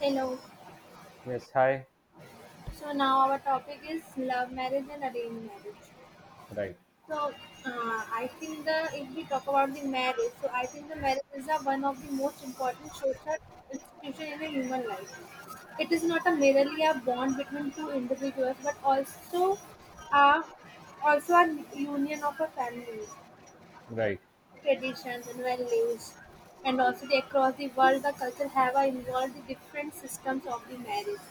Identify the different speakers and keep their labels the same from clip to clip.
Speaker 1: Hello.
Speaker 2: Yes, hi.
Speaker 1: So now our topic is love marriage and arranged marriage.
Speaker 2: Right,
Speaker 1: So I think the if we talk about the marriage, so I think the marriage is one of the most important social institution in a human life. It is not a merely a bond between two individuals, but also a a union of a family,
Speaker 2: right.
Speaker 1: traditions and values, and also across the world the culture have involved the different systems of the marriage.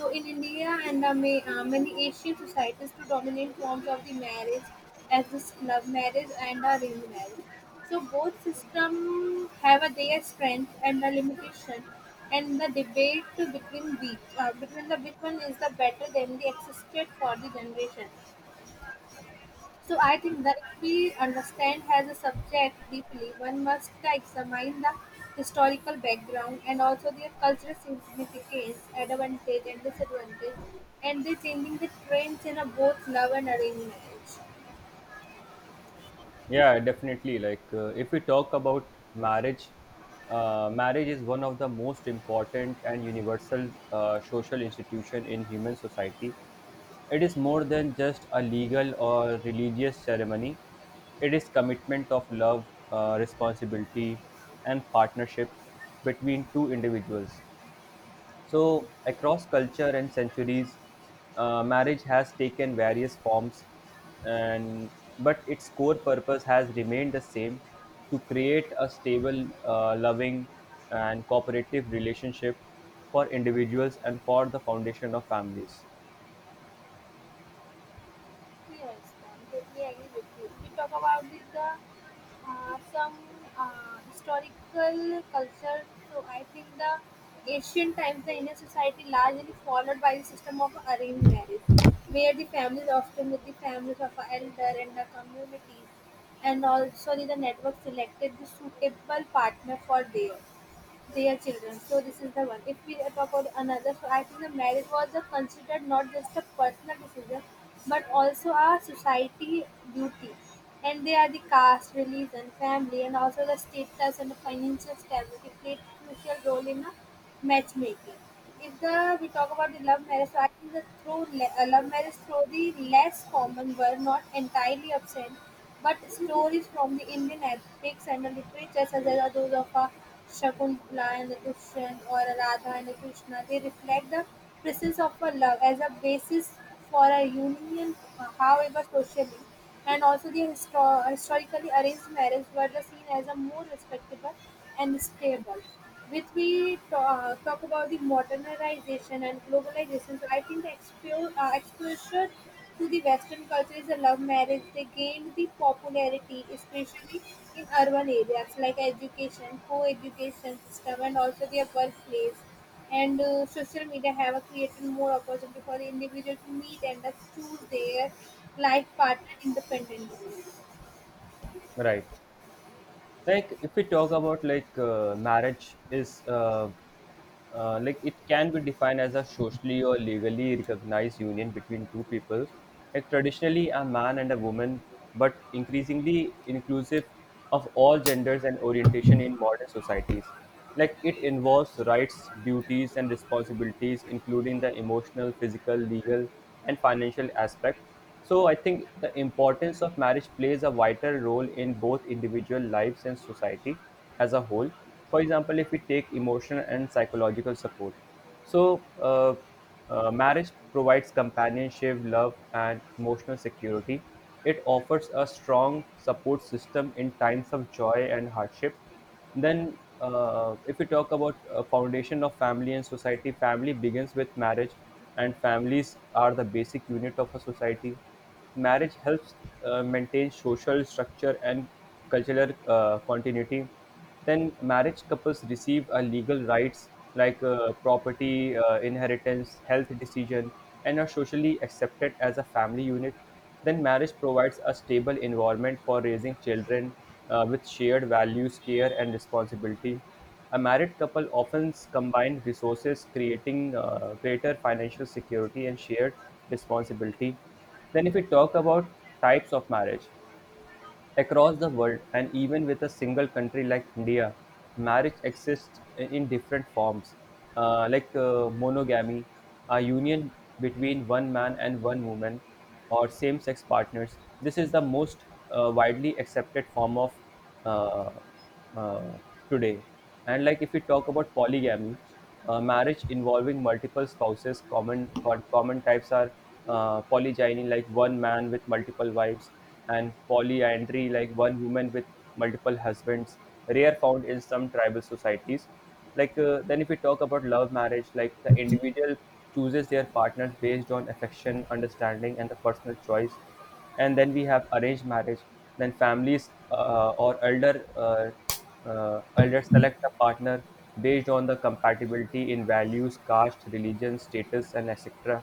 Speaker 1: So in India and many Asian societies, predominant forms of the marriage as this love marriage and arranged marriage. So both systems have their strength and the limitation, and the debate between the which one is the better than the existed for the generation. So I think that if we understand as a subject deeply, one must examine the historical background and also their cultural significance, advantage and disadvantage, and the changing the trends in a both love and arranged marriage.
Speaker 2: Yeah, definitely. Like, if we talk about marriage, marriage is one of the most important and universal social institution in human society. It is more than just a legal or religious ceremony. It is commitment of love, responsibility, and partnership between two individuals. So, across culture and centuries, marriage has taken various forms, and but its core purpose has remained the same: to create a stable, loving, and cooperative relationship for individuals and for the foundation of families.
Speaker 1: Yes, I completely agree with you. If we talk about this, the some historical culture, so I think the ancient times, the Indian society largely followed by the system of arranged marriage, where the families often with the families of a elder and the communities, and also the network selected the suitable partner for their children. So this is the one. If we talk about another, so I think the marriage was a considered not just a personal decision, but also a society duty. And they are the caste, religion, family, and also the status and the financial stability played crucial role in a matchmaking. If the we talk about the love marriage, so I think the love marriage through the less common were not entirely absent, but stories from the Indian epics and the literature, such as those of Shakuntala and the Dushyant, or Radha and a Krishna, they reflect the presence of a love as a basis for a union. However, socially and also the historically arranged marriage were the seen as a more respectable and stable. With we talk about the modernization and globalization, so I think the exposure to the Western culture is a love marriage. They gained the popularity, especially in urban areas like education, co-education system, and also their workplace and social media have created more opportunity for the individual to meet and thus choose their life partner independently.
Speaker 2: Right. Like if we talk about marriage is like it can be defined as a socially or legally recognized union between two peoples, like traditionally a man and a woman, but increasingly inclusive of all genders and orientation in modern societies. Like it involves rights, duties, and responsibilities including the emotional, physical, legal, and financial aspect. So I think the importance of marriage plays a vital role in both individual lives and society as a whole. For example, if we take emotional and psychological support, so uh, marriage provides companionship, love, and emotional security. It offers a strong support system in times of joy and hardship. Then, if we talk about foundation of family and society, family begins with marriage, and families are the basic unit of a society. Marriage helps maintain social structure and cultural continuity. Then marriage couples receive legal rights like property, inheritance, health decision, and are socially accepted as a family unit. Then marriage provides a stable environment for raising children, with shared values, care, and responsibility. A married couple often combine resources, creating greater financial security and shared responsibility. Then, if we talk about types of marriage, across the world, and even with a single country like India, marriage exists in different forms, monogamy, a union between one man and one woman, or same sex partners. This is the most widely accepted form of uh, uh, today. And like if we talk about polygamy, marriage involving multiple spouses, common types are polygyny, like one man with multiple wives, and polyandry, like one woman with multiple husbands. Rare found in some tribal societies. Then if we talk about love marriage, like the individual chooses their partners based on affection, understanding, and the personal choice. And then we have arranged marriage, then families or elders select a partner based on the compatibility in values, caste, religion, status, and etc.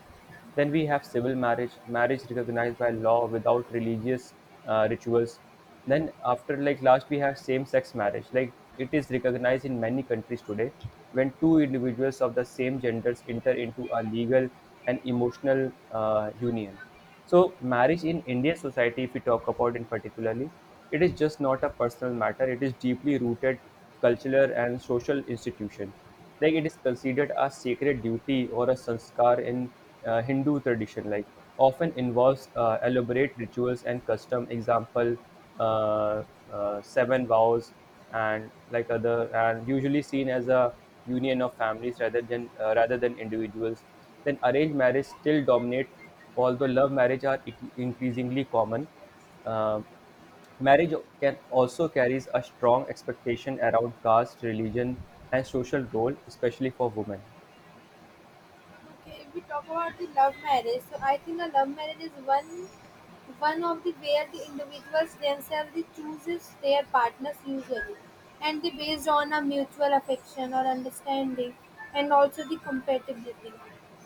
Speaker 2: Then we have civil marriage, marriage recognized by law without religious rituals. Then after, like last we have same sex marriage, like it is recognized in many countries today, when two individuals of the same genders enter into a legal and emotional union. So, marriage in Indian society, if we talk about in particularly, it is just not a personal matter. It is deeply rooted cultural and social institution. Like it is considered a sacred duty or a sanskar in Hindu tradition. Like often involves elaborate rituals and custom. Example, uh, seven vows and like other, and usually seen as a union of families rather than individuals. Then arranged marriage still dominate. Although love marriage are increasingly common, uh, marriage can also carries a strong expectation around caste, religion, and social role, especially for women.
Speaker 1: Okay, if we talk about the love marriage, so I think a love marriage is one of the where the individuals themselves they chooses their partners usually, and they based on a mutual affection or understanding, and also the compatibility.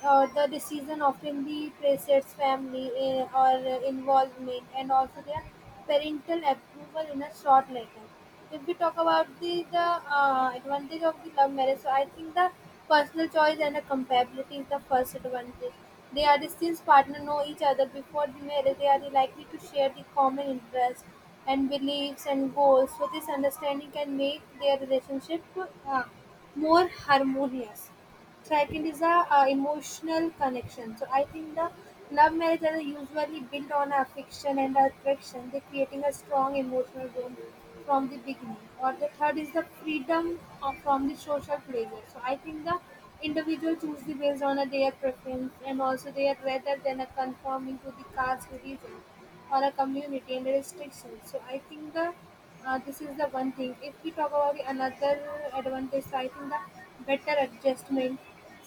Speaker 1: The decision often the precedents family, or involvement, and also their parental approval in a short letter. If we talk about the, advantage of the love marriage, so I think the personal choice and the compatibility is the first advantage. They are the since partner know each other before the marriage. They are the likely to share the common interests and beliefs and goals. So this understanding can make their relationship uh, more harmonious. Second is a emotional connection. So I think the love marriages are usually built on affection and attraction. They're creating a strong emotional bond from the beginning. Or the third is the freedom from the social pressure. So I think the individual choose the based on their preference, and also their, rather than a conforming to the caste, religion, or a community and restrictions. So I think the this is the one thing. If we talk about the another advantage, so I think the better adjustment,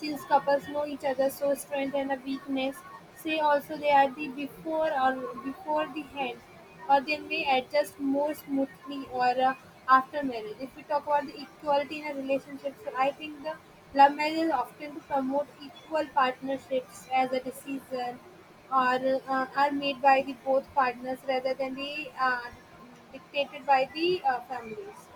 Speaker 1: since couples know each other's so strength and a weakness. Say also they are the before or before the hand, or they may adjust more smoothly or after marriage. If we talk about the equality in a relationship, so I think the love marriage is often to promote equal partnerships, as a decision are made by the both partners rather than the dictated by the families.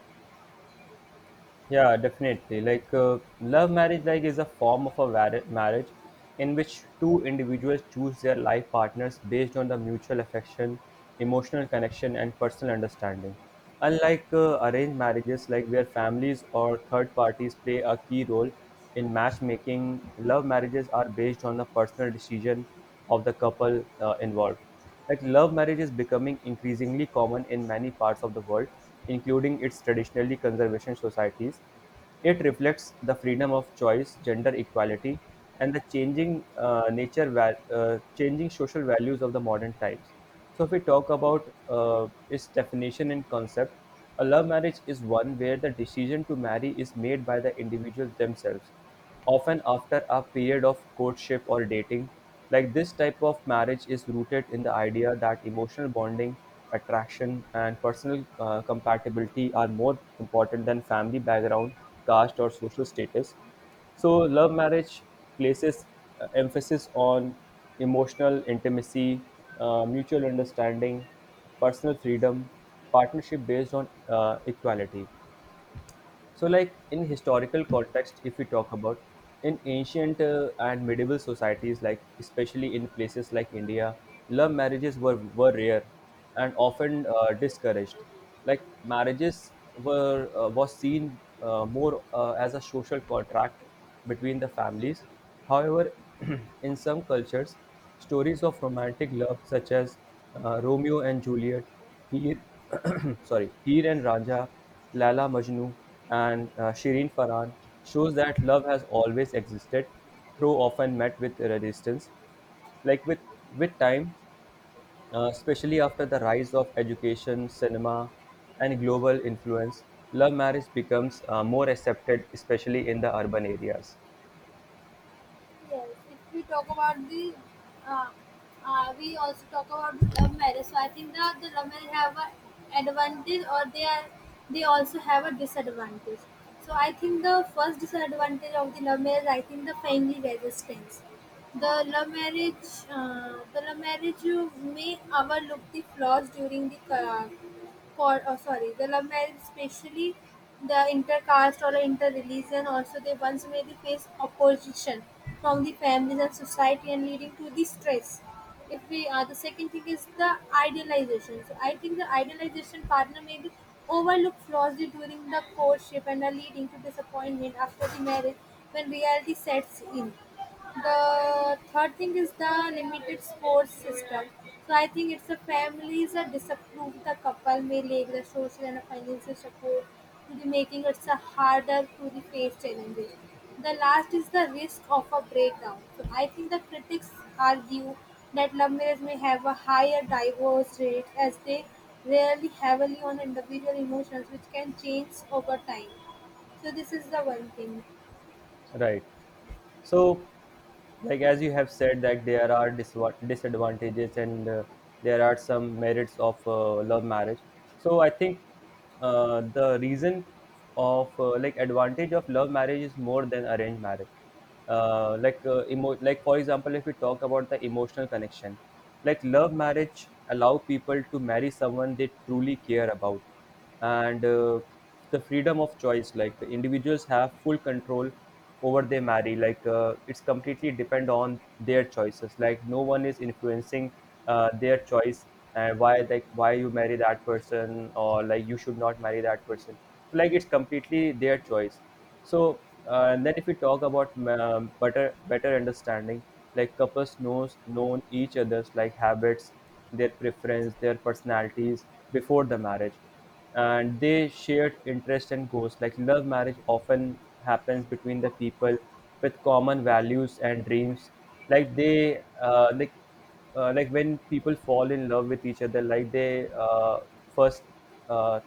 Speaker 2: Yeah, definitely. Like, love marriage, like, is a form of marriage in which two individuals choose their life partners based on the mutual affection, emotional connection, and personal understanding. Unlike arranged marriages, like where families or third parties play a key role in matchmaking, love marriages are based on the personal decision of the couple involved. Like love marriage is becoming increasingly common in many parts of the world, including its traditionally conservation societies. It reflects the freedom of choice, gender equality, and the changing changing social values of the modern times. So, if we talk about its definition and concept, a love marriage is one where the decision to marry is made by the individual themselves, often after a period of courtship or dating. Like this type of marriage is rooted in the idea that emotional bonding, attraction, and personal compatibility are more important than family background, caste, or social status. So, love marriage places emphasis on emotional intimacy, mutual understanding, personal freedom, partnership based on equality. So, like in historical context, if we talk about in ancient and medieval societies, like especially in places like India, love marriages were rare and often discouraged. Like marriages were was seen more as a social contract between the families. However, in some cultures, stories of romantic love such as Romeo and Juliet, Heer, sorry, Heer and Raja, Lala Majnu, and Shireen Farhan shows that love has always existed, though often met with resistance. Like with time, especially after the rise of education, cinema, and global influence, love marriage becomes more accepted, especially in the urban areas.
Speaker 1: Yes, if we talk about uh, we also talk about the love marriage. So I think that the love marriage have a advantage, or they also have a disadvantage. So I think the first disadvantage of the love marriage, I think the family resistance. The love marriage you may overlook the flaws during the for, oh, sorry, the love marriage, especially the intercaste or interreligion, also they once may they face opposition from the families and society, and leading to the stress. If we The second thing is the idealization. So I think the idealization partner may be overlooked flaws during the courtship, and are leading to disappointment after the marriage when reality sets in. The third thing is the limited sports system. So I think it's the families that disapprove the couple may lack the social and financial support to the making it so harder to the face challenges. The last is the risk of a breakdown. So I think the critics argue that love marriage may have a higher divorce rate, as they rarely heavily on individual emotions which can change over time. So this is the one thing.
Speaker 2: Right. So, as you have said, that there are disadvantages and there are some merits of love marriage. So, I think the reason of like advantage of love marriage is more than arranged marriage. Like for example, if we talk about the emotional connection, like love marriage allow people to marry someone they truly care about. And the freedom of choice, like individuals have full control over their marry, like it's completely depend on their choices, like no one is influencing their choice. And why, like why you marry that person or like you should not marry that person, so like it's completely their choice. So and then if we talk about better understanding, like couples knows known each other's like habits, their preference, their personalities before the marriage. And they shared interests and goals, like love marriage often happens between the people with common values and dreams. Like they like Like when people fall in love with each other, like they first uh,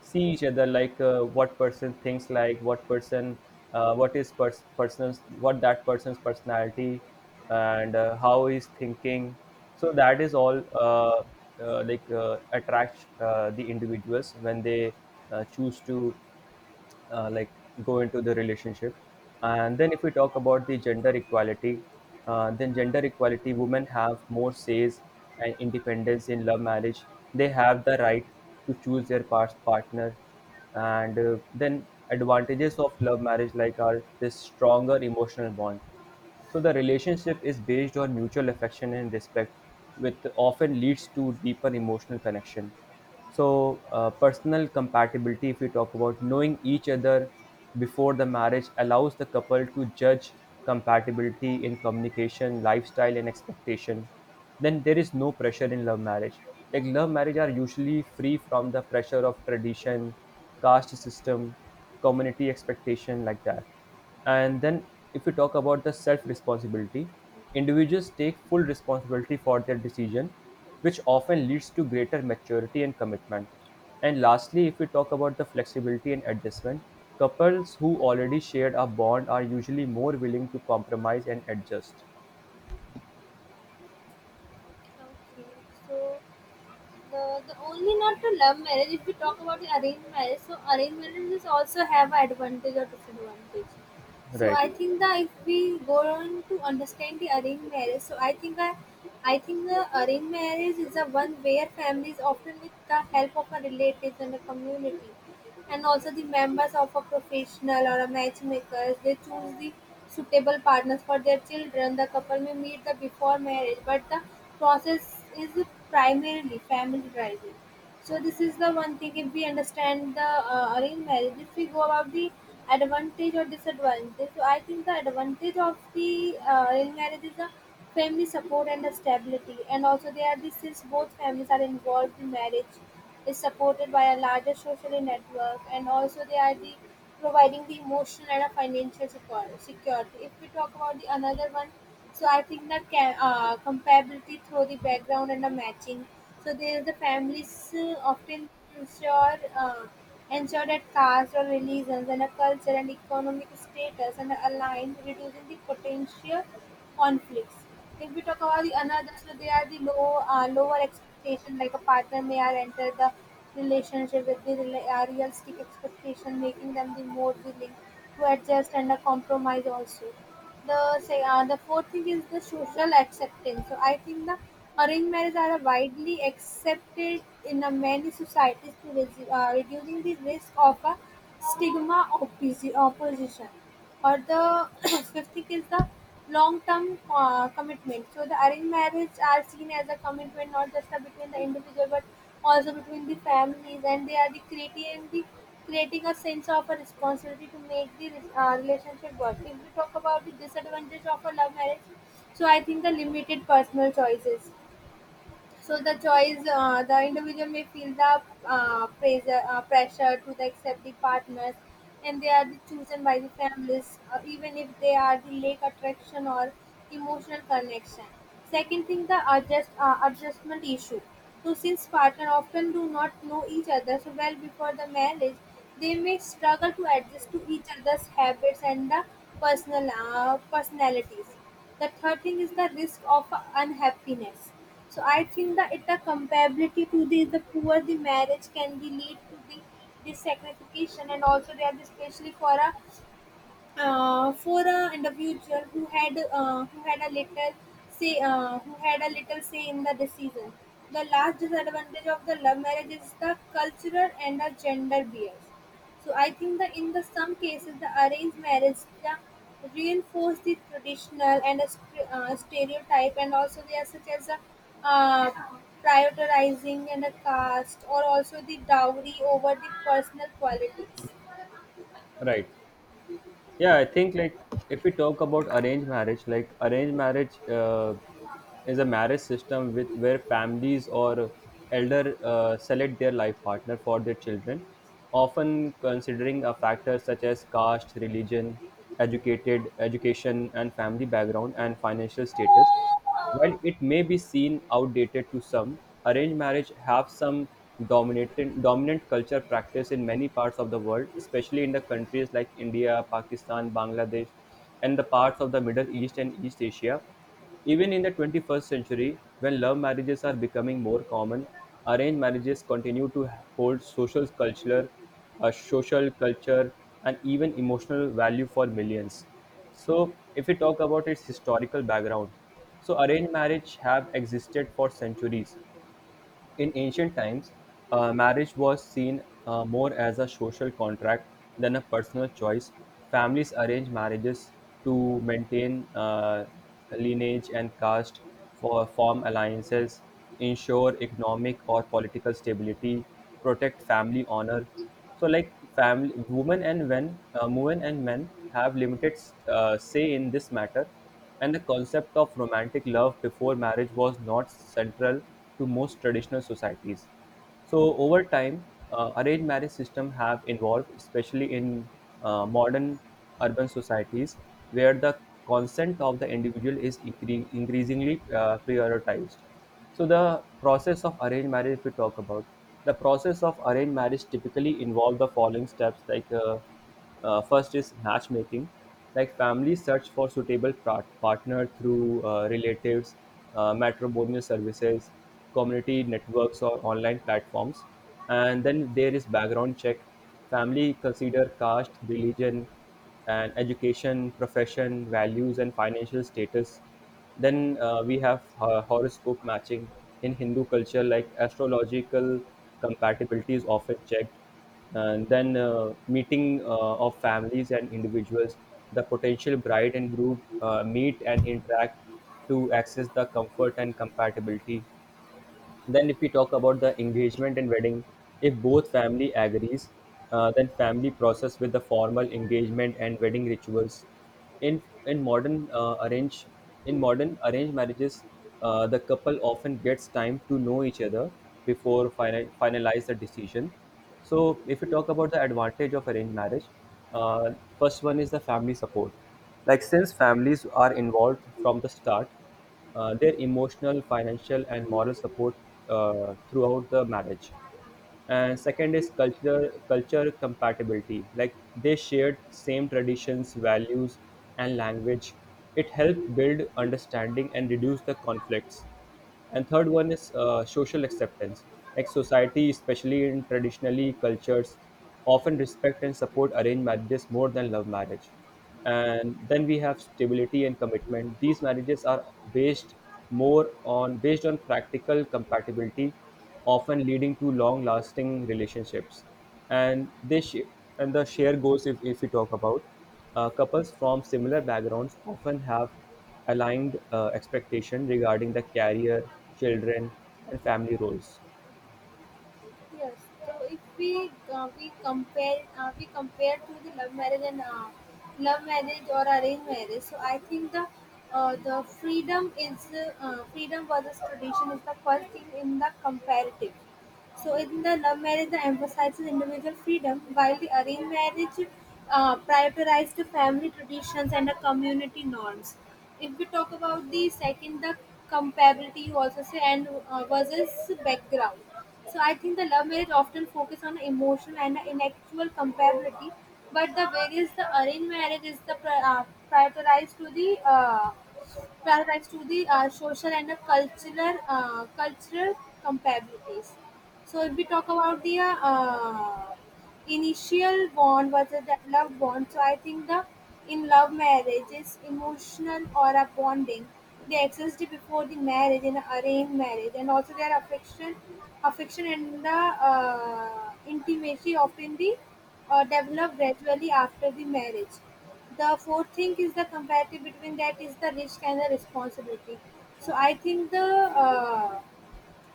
Speaker 2: see each other, what person thinks, like what that person's personality, and how he's thinking. So that is all attracts the individuals when they choose to uh, like go into the relationship. And then if we talk about the gender equality, then gender equality women have more says and independence in love marriage. They have the right to choose their partner. And then advantages of love marriage, like are this stronger emotional bond, so the relationship is based on mutual affection and respect, which often leads to deeper emotional connection. So personal compatibility, if we talk about knowing each other before the marriage, allows the couple to judge compatibility in communication, lifestyle, and expectation. Then there is no pressure in love marriage. Like love marriage are usually free from the pressure of tradition, caste system, community expectation, like that. And then, if we talk about the self responsibility, individuals take full responsibility for their decision, which often leads to greater maturity and commitment. And lastly, if we talk about the flexibility and adjustment, couples who already shared a bond are usually more willing to compromise and adjust.
Speaker 1: Okay. So the only not to love marriage. If we talk about the arranged marriage, so arranged marriages also have advantage or disadvantage, so
Speaker 2: Right,
Speaker 1: I think that if we go on to understand the arranged marriage, so I think the arranged marriage is the one where families often, with the help of a relatives and a community, and also the members of a professional or a matchmakers, they choose the suitable partners for their children. The couple may meet the before marriage, but the process is primarily family driven. So this is the one thing. If we understand the arranged marriage, if we go about the advantage or disadvantage, so I think the advantage of the arranged marriage is the family support and the stability, and also they are the since both families are involved in marriage, is supported by a larger social network, and also they are the providing the emotional and a financial security. If we talk about the another one, so I think that comparability through the background and the matching. So there the families often ensure uh, ensure that caste or religions and a culture and economic status and are aligned, reducing the potential conflicts. If we talk about the another, so they are the lower expectation, like a partner may are enter the relationship with the realistic expectation, making them the more willing to adjust and compromise also. The say uh, the fourth thing is the social acceptance. So I think the arranged marriage are widely accepted in a many societies, to reducing the risk of a stigma of opposition or the fifth thing is the long-term commitment. So the arranged marriage are seen as a commitment, not just a between the individual but also between the families, and they are the creating a sense of a responsibility to make the relationship work. If we talk about the disadvantage of a love marriage, so I think the limited personal choices. So the individual may feel the pressure to the accept the partners, and they are the chosen by the families, even if they are the lack attraction or emotional connection. Second thing, the adjustment issue. So since partner often do not know each other so well before the marriage, they may struggle to adjust to each other's habits and the personalities. The third thing is the risk of unhappiness. So I think that it the comparability to the poor the marriage can be lead to the dissatisfaction, and also they are especially for an individual who had a little say in the decision. The last disadvantage of the love marriage is the cultural and the gender bias. So I think that in the some cases the arranged marriage the reinforce the traditional and a stereotype, and also they are such as a uh, prioritizing and a caste, or also the dowry over the personal qualities.
Speaker 2: right. Yeah, I think like if we talk about arranged marriage, like arranged marriage is a marriage system with where families or elder select their life partner for their children, often considering a factor such as caste, religion, educated education, and family background and financial status. While it may be seen outdated to some, arranged marriage have some dominant culture practice in many parts of the world, especially in the countries like India, Pakistan, Bangladesh, and the parts of the Middle East and East Asia. Even in the 21st century, when love marriages are becoming more common, arranged marriages continue to hold social cultural, social culture, and even emotional value for millions. So, if we talk about its historical background, so arranged marriage have existed for centuries. In ancient times, marriage was seen more as a social contract than a personal choice. Families arranged marriages to maintain lineage and caste, for form alliances, ensure economic or political stability, protect family honor, so like family women and men have limited say in this matter, and the concept of romantic love before marriage was not central to most traditional societies. So over time, arranged marriage system have evolved, especially in modern urban societies, where the consent of the individual is increasingly prioritized. So the process of arranged marriage, if we talk about the process of arranged marriage, typically involve the following steps. Like first is matchmaking, like families search for suitable partner through relatives, matrimonial services, community networks, or online platforms. And then there is background check. Family consider caste, religion, and education, profession, values, and financial status. Then we have horoscope matching in Hindu culture, like astrological compatibility is often checked. And then meeting of families and individuals, the potential bride and groom meet and interact to access the comfort and compatibility. Then if we talk about the engagement and wedding, if both family agrees, then family process with the formal engagement and wedding rituals. In modern arrange in modern arranged marriages, the couple often gets time to know each other before finalize the decision. So if we talk about the advantage of arranged marriage, uh, first one is the family support, like since families are involved from the start, their emotional, financial, and moral support throughout the marriage. And second is culture compatibility, like they shared same traditions, values, and language. It helped build understanding and reduce the conflicts. And third one is social acceptance, like society, especially in traditionally cultures, often respect and support arranged marriages more than love marriage. And then we have stability and commitment. These marriages are based more on based on practical compatibility, often leading to long-lasting relationships. And this sh- and the share goals, if we talk about, couples from similar backgrounds, often have aligned expectation regarding the career, children, and family roles.
Speaker 1: Yes. So if we compare to the love marriage and love marriage or arranged marriage, so I think the freedom is freedom versus tradition is the first thing in the comparative. So in the love marriage, the emphasizes individual freedom, while the arranged marriage prioritizes the family traditions and the community norms. If we talk about the second, the comparability you also say and versus background. So I think the love marriage often focus on emotional and intellectual comparability, but the arranged marriage is prioritized to the paramount to the social and cultural comparabilities. So if we talk about the initial bond versus the love bond, so I think the in love marriage is emotional or a bonding. They existed before the marriage in arranged marriage, and also their affection and the intimacy often the develop gradually after the marriage. The fourth thing is the comparative between that is the risk and the responsibility. So uh,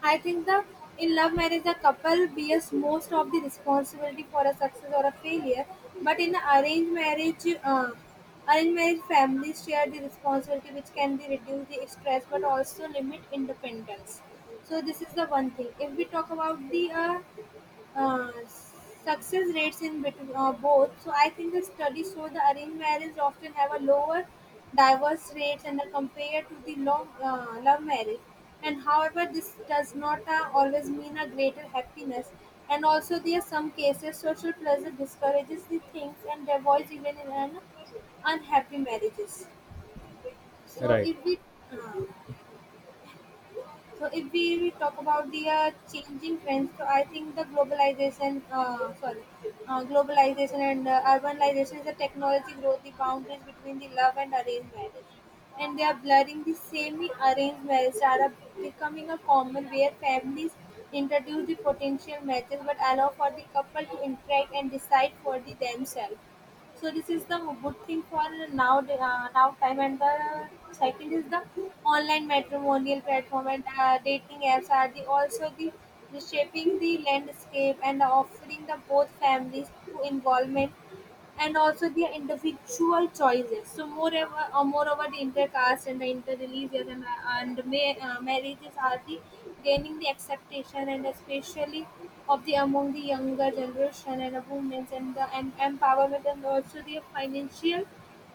Speaker 1: I think the in love marriage the couple bears most of the responsibility for a success or a failure, but in arranged marriage families share the responsibility which can be reduce the stress but also limit independence. So this is the one thing. If we talk about the success rates in between both. So I think the studies show the arranged marriage often have a lower divorce rates and are compared to the long love marriage. And however, this does not always mean a greater happiness. And also, there are some cases social pressure discourages the things and divorce even in an unhappy marriages. So
Speaker 2: Right.
Speaker 1: if we uh, so if we talk about the changing trends, so I think the globalization and urbanization is the technology growth, the boundaries between the love and arranged marriage. And they are blurring the semi-arranged marriage that becoming a common where families introduce the potential matches but allow for the couple to interact and decide for the themselves, so this is the good thing for now now time. And the second is the online matrimonial platform and dating apps are the also the reshaping the landscape and offering the both families to involvement and also their individual choices. So moreover the intercaste and the interreligious and marriages are the gaining the acceptation and especially of the among the younger generation and the women and the empowerment and also the financial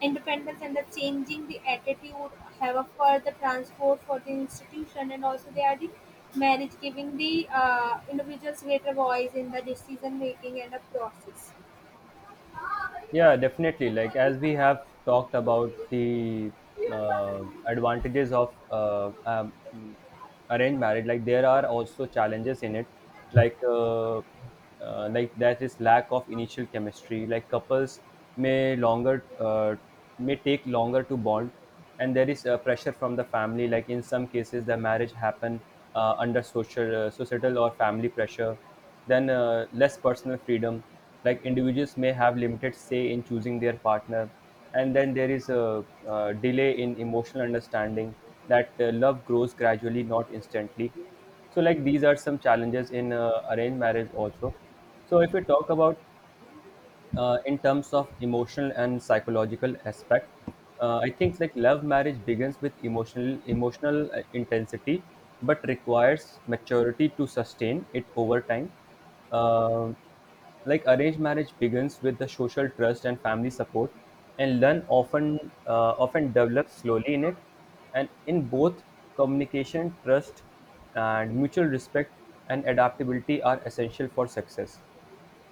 Speaker 1: independence and the changing the attitude have a further transport for the institution, and also they are the marriage giving the individuals greater voice in the decision making and the process.
Speaker 2: Yeah, definitely. Like as we have talked about the advantages of arranged marriage, like there are also challenges in it, like that is lack of initial chemistry. Like couples may longer uh, may take longer to bond, and there is pressure from the family. Like in some cases, the marriage happen under social societal or family pressure. Then, less personal freedom, like individuals may have limited say in choosing their partner. And then there is a, delay in emotional understanding, that love grows gradually, not instantly. So, like these are some challenges in arranged marriage also. So, if we talk about in terms of emotional and psychological aspect, I think like love marriage begins with emotional intensity, but requires maturity to sustain it over time. uh, like arranged marriage begins with the social trust and family support, and learn often develops slowly in it. And in both, communication, trust, and mutual respect, and adaptability are essential for success.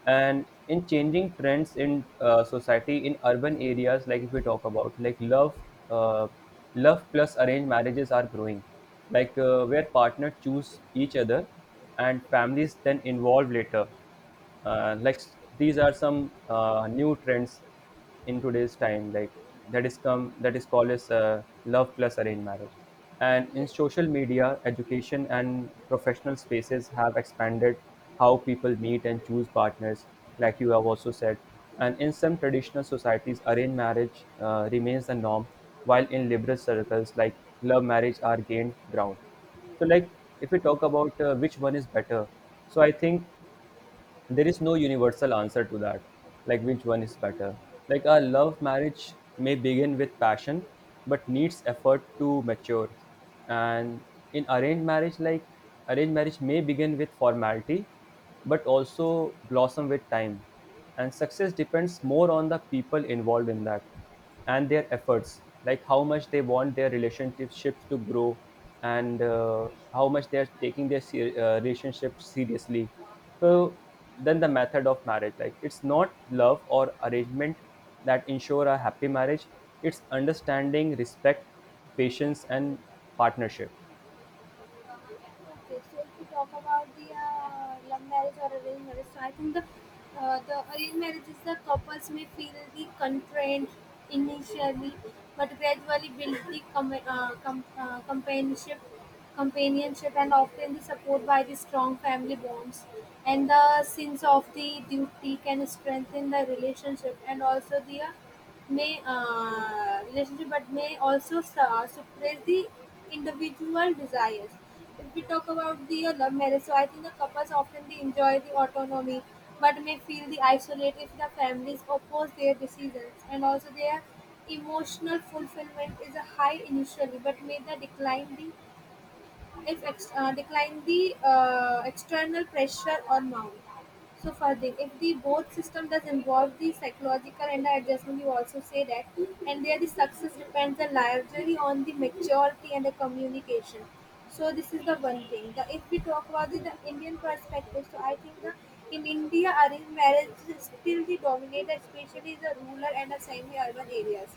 Speaker 2: And in changing trends in society in urban areas, like if we talk about like uh, love plus arranged marriages are growing, like where partners choose each other and families then involve later. Like these are some new trends in today's time, like that is come, that is called as love plus arranged marriage. And in
Speaker 1: Yes.
Speaker 2: social media, education, and professional spaces have expanded how people meet and choose partners, like you have also said. And in some traditional societies, arranged marriage remains the norm, while in liberal circles, like love marriage are gained ground. So like if we talk about which one is better, so I think there is no universal answer to that, like which one is better. Like a love marriage may begin with passion but needs effort to mature. And in arranged marriage, arranged marriage may begin with formality but also blossom with time, and success depends more on the people involved in that, and their efforts, like how much they want their relationships to grow, and how much they are taking their relationship seriously. So then the method of marriage, like it's not love or arrangement that ensure a happy marriage. It's understanding, respect, patience, and partnership.
Speaker 1: Okay, so if we talk about the love marriage or arranged marriage, so I think the arranged marriage is the couples may feel the constraint initially, but gradually build the companionship, and often the support by the strong family bonds. And the sense of the duty can strengthen the relationship and also the May relationship, but may also suppress the individual desires. If we talk about the love marriage, so I think the couples often they enjoy the autonomy, but may feel the isolate if the families oppose their decisions, and also their emotional fulfillment is a high initially, but may the decline the if ex- decline the external pressure or mount. So for the if the both system does involve the psychological and the adjustment, you also say that, and there the success depends the largely on the maturity and the communication. So this is the one thing. If we talk about the Indian perspective, so I think the in India arranged marriage is still the dominator, especially the rural and the semi-urban areas.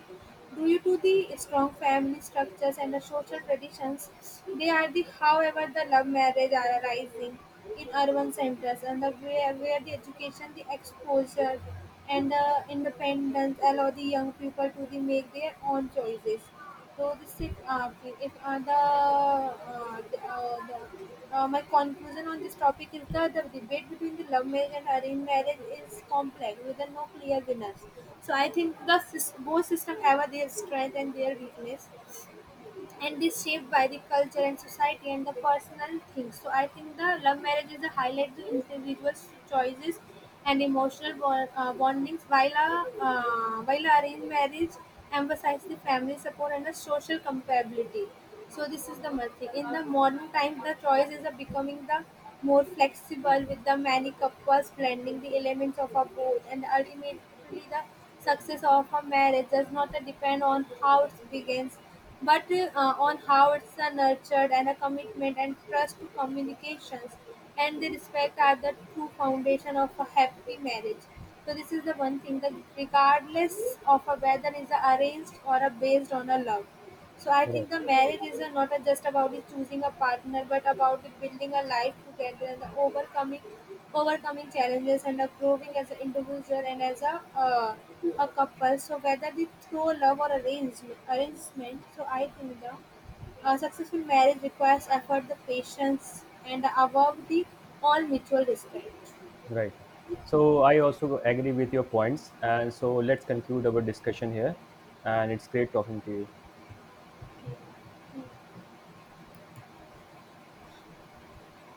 Speaker 1: Due to the strong family structures and the social traditions, they are the however the love marriage are arising in urban centers and where the education the exposure and the independence allow the young people to the make their own choices. So this is if the, the my conclusion on this topic is that the debate between the love marriage and arranged marriage is complex with the no clear winners. So I think both systems have their strength and their weakness and is shaped by the culture and society and the personal things. So I think the love marriage is a highlight the individual's choices and emotional bondings, while a arranged marriage emphasizes the family support and the social compatibility. So this is the method. In the modern times, the choices are becoming the more flexible with the many couples blending the elements of a both, and ultimately the success of a marriage does not depend on how it begins, but on how it's nurtured, and a commitment and trust to communications and the respect are the true foundation of a happy marriage. So this is the one thing, that regardless of a whether is a arranged or a based on a love, so I
Speaker 2: Right,
Speaker 1: think the marriage is not a just about it choosing a partner, but about it building a life together and the overcoming challenges and a growing as an individual and as uh, a couple. So whether it's through love or arrangement. So I think the a successful marriage requires effort, the patience, and above the all mutual respect.
Speaker 2: right. So I also agree with your points, and so let's conclude our discussion here, and it's great talking to you.